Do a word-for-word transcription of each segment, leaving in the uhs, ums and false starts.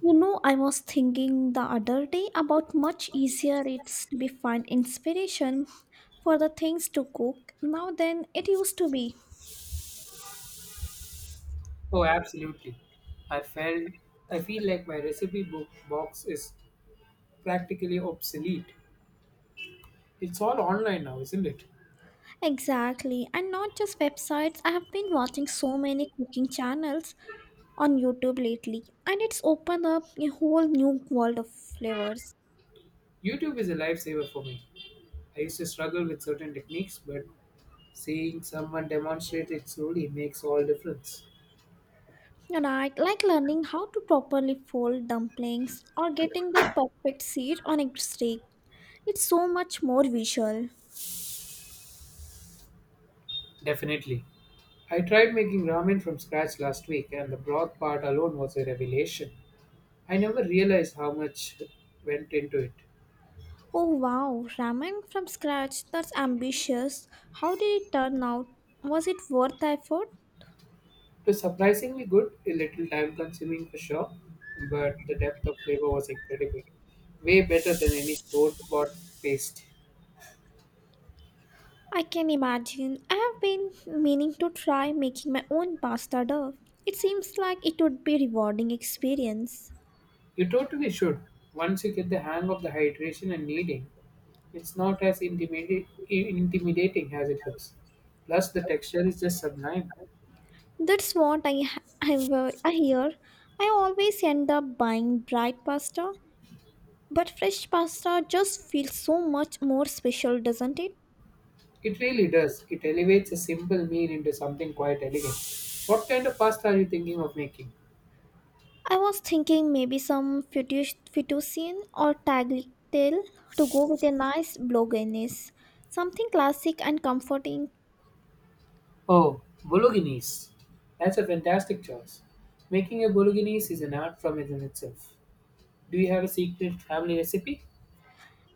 You know, I was thinking the other day about much easier it's to be find inspiration for the things to cook now than it used to be. Oh, absolutely. I felt I feel like my recipe book box is practically obsolete. It's all online now, isn't it? Exactly, and not just websites. I have been watching so many cooking channels on YouTube lately, and it's opened up a whole new world of flavors. YouTube is a lifesaver for me. I used to struggle with certain techniques, but seeing someone demonstrate it slowly makes all difference. And I like learning how to properly fold dumplings or getting that perfect sear on a steak. It's so much more visual. Definitely. I tried making ramen from scratch last week and the broth part alone was a revelation. I never realized how much went into it. Oh wow, ramen from scratch, that's ambitious. How did it turn out? Was it worth the effort? It was surprisingly good, a little time consuming for sure, but the depth of flavor was incredible. Way better than any store bought paste. I can imagine. I have been meaning to try making my own pasta dough. It seems like it would be rewarding experience. You totally should, once you get the hang of the hydration and kneading. It's not as intimidati- intimidating as it looks. Plus, the texture is just sublime. That's what I ha- I, wa- I hear. I always end up buying dried pasta, but fresh pasta just feels so much more special, doesn't it? It really does. It elevates a simple meal into something quite elegant. What kind of pasta are you thinking of making? I was thinking maybe some fettuc- fettuccine or tagliatelle to go with a nice bolognese. Something classic and comforting. Oh, bolognese. That's a fantastic choice. Making a bolognese is an art form in itself. Do you have a secret family recipe?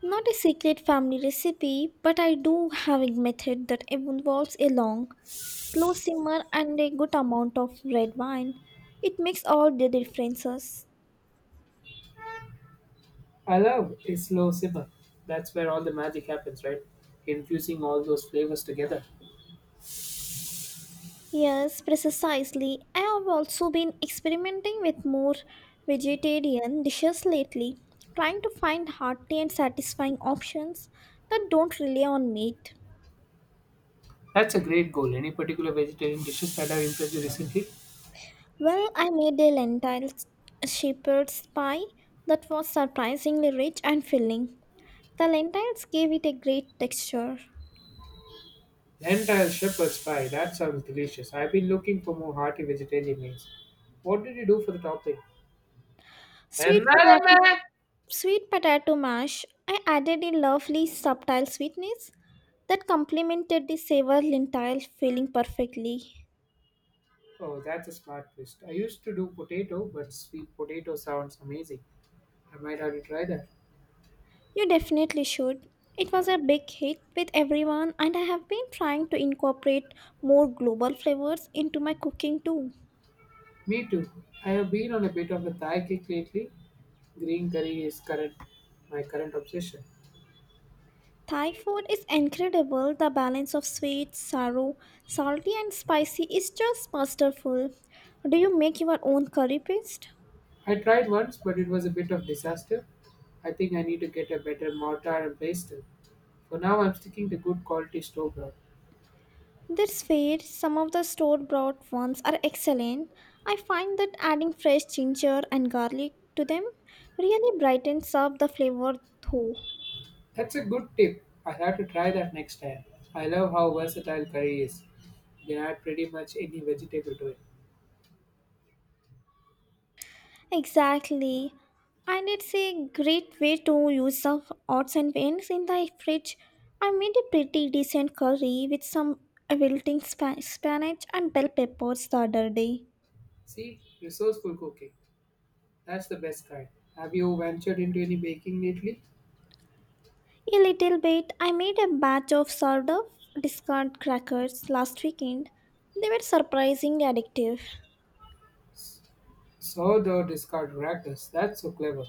Not a secret family recipe, but I do have a method that involves a long, slow simmer and a good amount of red wine. It makes all the differences. I love a slow simmer. That's where all the magic happens, right? Infusing all those flavors together. Yes, precisely. I have also been experimenting with more vegetarian dishes lately, trying to find hearty and satisfying options that don't rely on meat. That's a great goal. Any particular vegetarian dishes that have impressed you recently? Well, I made a lentil shepherd's pie that was surprisingly rich and filling. The lentils gave it a great texture. Lentil shepherd's pie. That sounds delicious. I've been looking for more hearty vegetarian meals. What did you do for the topping? Sweet Another potato, man! sweet potato mash, I added a lovely subtle sweetness that complemented the savour lentile filling perfectly. Oh, that's a smart twist. I used to do potato, but sweet potato sounds amazing. I might have to try that. You definitely should. It was a big hit with everyone, and I have been trying to incorporate more global flavors into my cooking too. Me too. I have been on a bit of a Thai kick lately. Green curry is current My current obsession. Thai food is incredible. The balance of sweet, sour, salty, and spicy is just masterful. Do you make your own curry paste? I tried once, but it was a bit of disaster. I think I need to get a better mortar and pestle. For now, I'm sticking to good quality store bought. That's fair. Some of the store bought ones are excellent. I find that adding fresh ginger and garlic to them really brightens up the flavor, though. That's a good tip. I have to try that next time. I love how versatile curry is. You can add pretty much any vegetable to it. Exactly. And it's a great way to use up odds and ends in the fridge. I made a pretty decent curry with some wilting spa- spinach and bell peppers the other day. See, resourceful cooking. That's the best kind. Have you ventured into any baking lately? A little bit, I made a batch of sort of discard crackers last weekend. They were surprisingly addictive. S- Saw the discard rackers. That's so clever.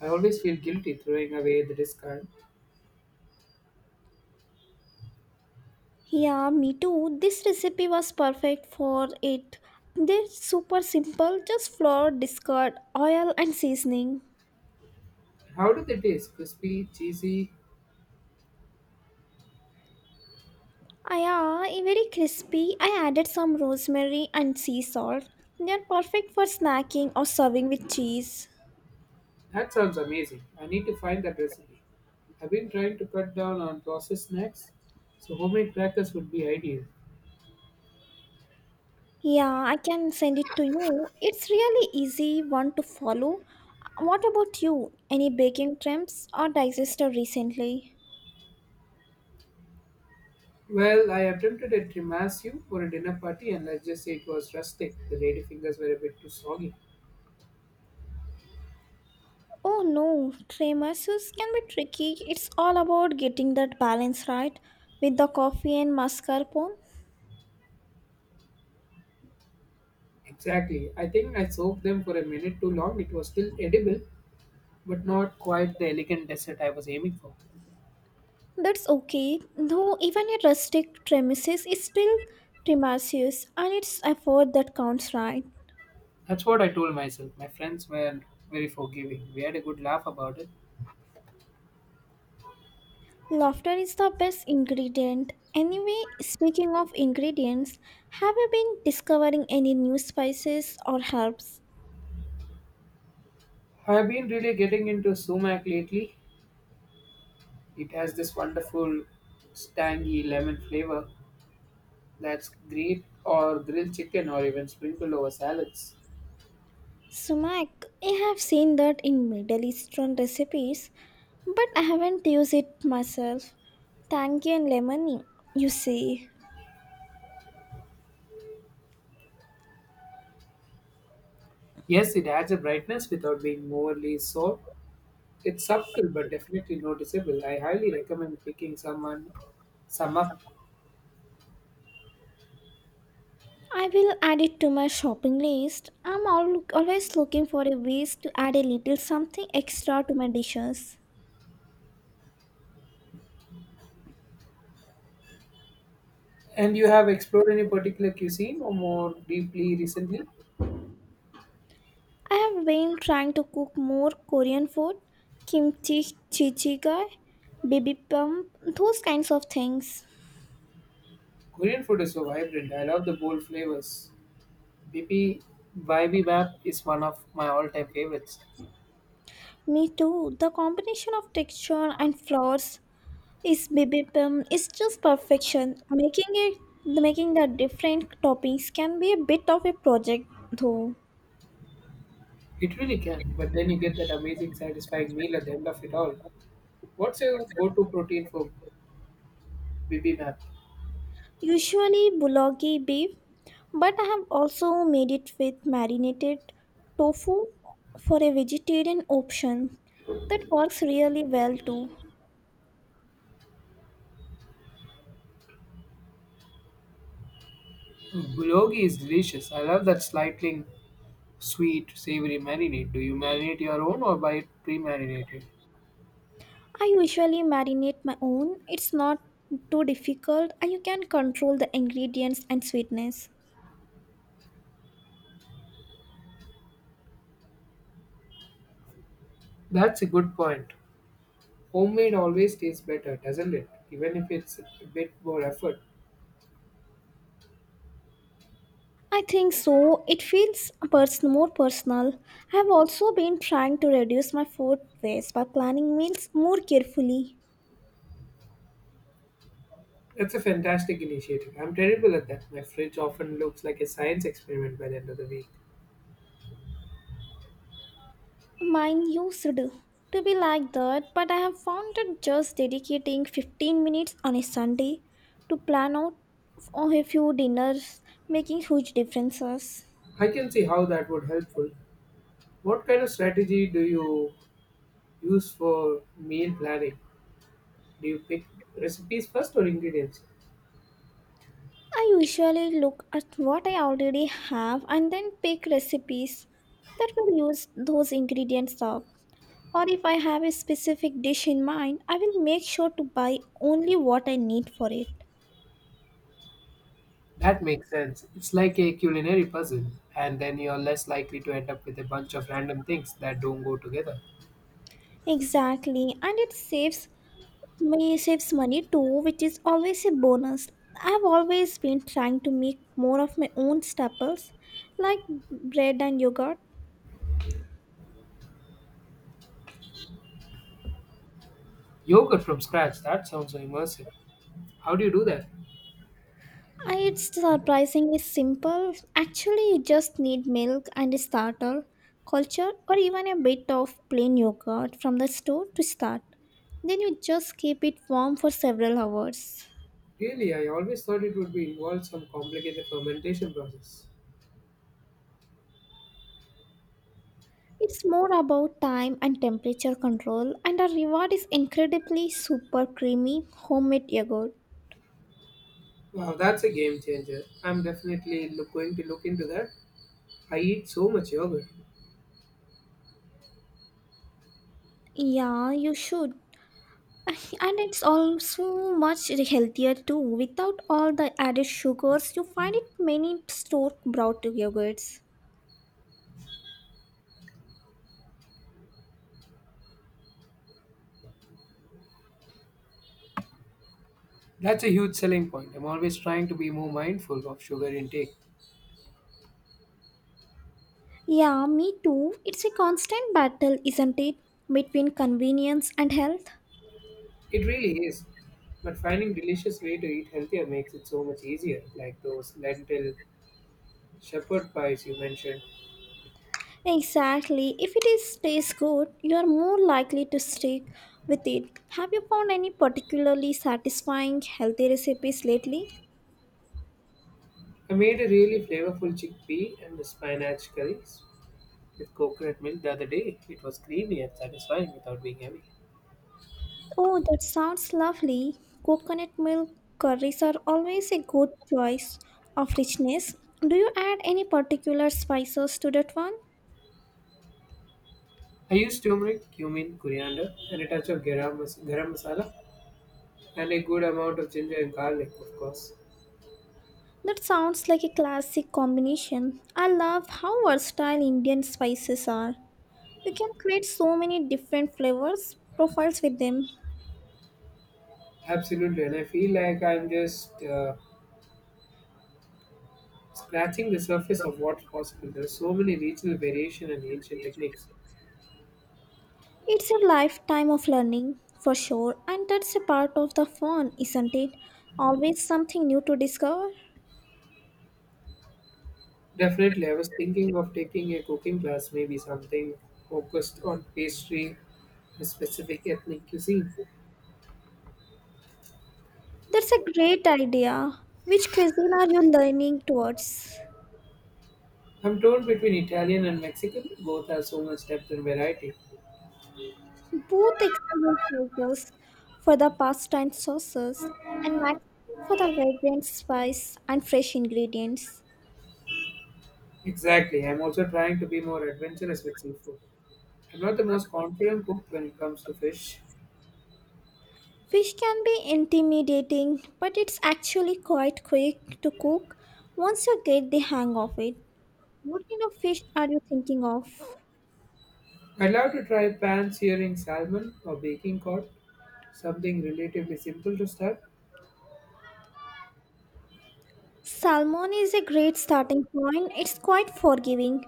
I always feel guilty throwing away the discard. Yeah, me too. This recipe was perfect for it. They're super simple, just flour, discard, oil, and seasoning. How do they taste? Crispy, cheesy? Ah, yeah, eh, very crispy. I added some rosemary and sea salt. They are perfect for snacking or serving with cheese. That sounds amazing. I need to find that recipe. I've been trying to cut down on processed snacks, so homemade crackers would be ideal. Yeah, I can send it to you. It's really easy one to follow. What about you? Any baking trends or digester recently? Well, I attempted a tiramisu for a dinner party, and let's just say it was rustic. The lady fingers were a bit too soggy. Oh no, tiramisus can be tricky. It's all about getting that balance right with the coffee and mascarpone. Exactly. I think I soaked them for a minute too long. It was still edible, but not quite the elegant dessert I was aiming for. That's okay, though even a rustic premises is still tremulous and it's effort that counts right. That's what I told myself. My friends were very forgiving. We had a good laugh about it. Laughter is the best ingredient. Anyway, speaking of ingredients, have you been discovering any new spices or herbs? I have been really getting into sumac lately. It has this wonderful, tangy lemon flavor that's great or grilled chicken or even sprinkled over salads. Sumac, I have seen that in Middle Eastern recipes, but I haven't used it myself. Tangy and lemony, you see. Yes, it adds a brightness without being overly sour. It's subtle but definitely noticeable. I highly recommend picking someone some up. I will add it to my shopping list. I'm al- always looking for a ways to add a little something extra to my dishes. And you have explored any particular cuisine or more deeply recently? I have been trying to cook more Korean food, kimchi jjigae, bibimbap, those kinds of things. Korean food is so vibrant. I love the bold flavors. B P bibimbap is one of my all-time favorites. Me too. The combination of texture and flavors is bibimbap is just perfection. Making it making the different toppings can be a bit of a project though. It really can, but then you get that amazing, satisfying meal at the end of it all. What's your go-to protein for bibimbap? Usually bulgogi beef, but I have also made it with marinated tofu for a vegetarian option. That works really well too. Bulgogi is delicious. I love that slightly sweet, savory marinade. Do you marinate your own or buy it pre-marinated? I usually marinate my own. It's not too difficult and you can control the ingredients and sweetness. That's a good point. Homemade always tastes better, doesn't it? Even if it's a bit more effort. I think so. It feels pers- more personal. I have also been trying to reduce my food waste by planning meals more carefully. That's a fantastic initiative. I'm terrible at that. My fridge often looks like a science experiment by the end of the week. Mine used to be like that, but I have found that just dedicating fifteen minutes on a Sunday to plan out for a few dinners making huge differences. I can see how that would helpful. What kind of strategy do you use for meal planning? Do you pick recipes first or ingredients? I usually look at what I already have and then pick recipes that will use those ingredients up. Or if I have a specific dish in mind, I will make sure to buy only what I need for it. That makes sense. It's like a culinary puzzle, and then you're less likely to end up with a bunch of random things that don't go together. Exactly, and it saves May saves money too, which is always a bonus. I've always been trying to make more of my own staples, like bread and yogurt. Yogurt from scratch, that sounds so immersive. How do you do that? Uh, It's surprisingly simple. Actually, you just need milk and a starter, culture, or even a bit of plain yogurt from the store to start. Then you just keep it warm for several hours. Really, I always thought it would be involved some complicated fermentation process. It's more about time and temperature control, and our reward is incredibly super creamy homemade yogurt. Wow, that's a game changer. I'm definitely look, going to look into that. I eat so much yogurt. Yeah, you should. And it's also much healthier too, without all the added sugars you find it many store bought yogurts. That's a huge selling point. I'm always trying to be more mindful of sugar intake. Yeah, me too. It's a constant battle, isn't it? Between convenience and health. It really is. But finding delicious way to eat healthier makes it so much easier, like those lentil shepherd pies you mentioned. Exactly. If it is tastes good, you are more likely to stick with it. Have you found any particularly satisfying healthy recipes lately? I made a really flavorful chickpea and spinach curries with coconut milk the other day. It was creamy and satisfying without being heavy. Oh, that sounds lovely. Coconut milk curries are always a good choice of richness. Do you add any particular spices to that one? I use turmeric, cumin, coriander, and a touch of garam, mas- garam masala, and a good amount of ginger and garlic, of course. That sounds like a classic combination. I love how versatile Indian spices are. You can create so many different flavors profiles with them. Absolutely, and I feel like I'm just uh, scratching the surface of what's possible. There are so many regional variation and ancient techniques. It's a lifetime of learning for sure, and that's a part of the fun, isn't it? Always something new to discover. Definitely, I was thinking of taking a cooking class, maybe something focused on pastry, a specific ethnic cuisine. That's a great idea. Which cuisine are you leaning towards? I'm torn between Italian and Mexican, both have so much depth and variety. Both excellent choices for the pasta and sauces, and Mexican for the fragrant spice and fresh ingredients. Exactly, I'm also trying to be more adventurous with seafood. I'm not the most confident cook when it comes to fish. Fish can be intimidating, but it's actually quite quick to cook once you get the hang of it. What kind of fish are you thinking of? I'd love to try pan searing salmon or baking cod, something relatively simple to start. Salmon is a great starting point. It's quite forgiving.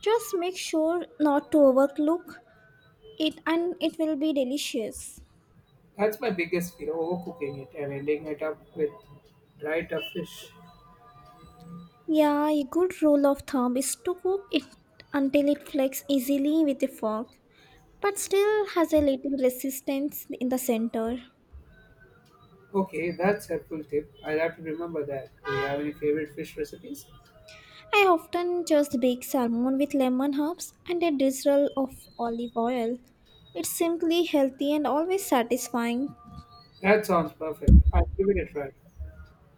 Just make sure not to overcook it and it will be delicious. That's my biggest fear overcooking it and ending it up with dried up fish. Yeah, a good rule of thumb is to cook it until it flakes easily with a fork, but still has a little resistance in the center. Okay, that's a helpful tip. I'll have to remember that. Do you have any favorite fish recipes? I often just bake salmon with lemon herbs and a drizzle of olive oil. It's simply healthy and always satisfying. That sounds perfect. I'll give it a try.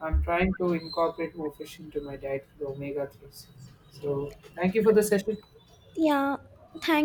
I'm trying to incorporate more fish into my diet for the omega threes. So, thank you for the session. Yeah, thank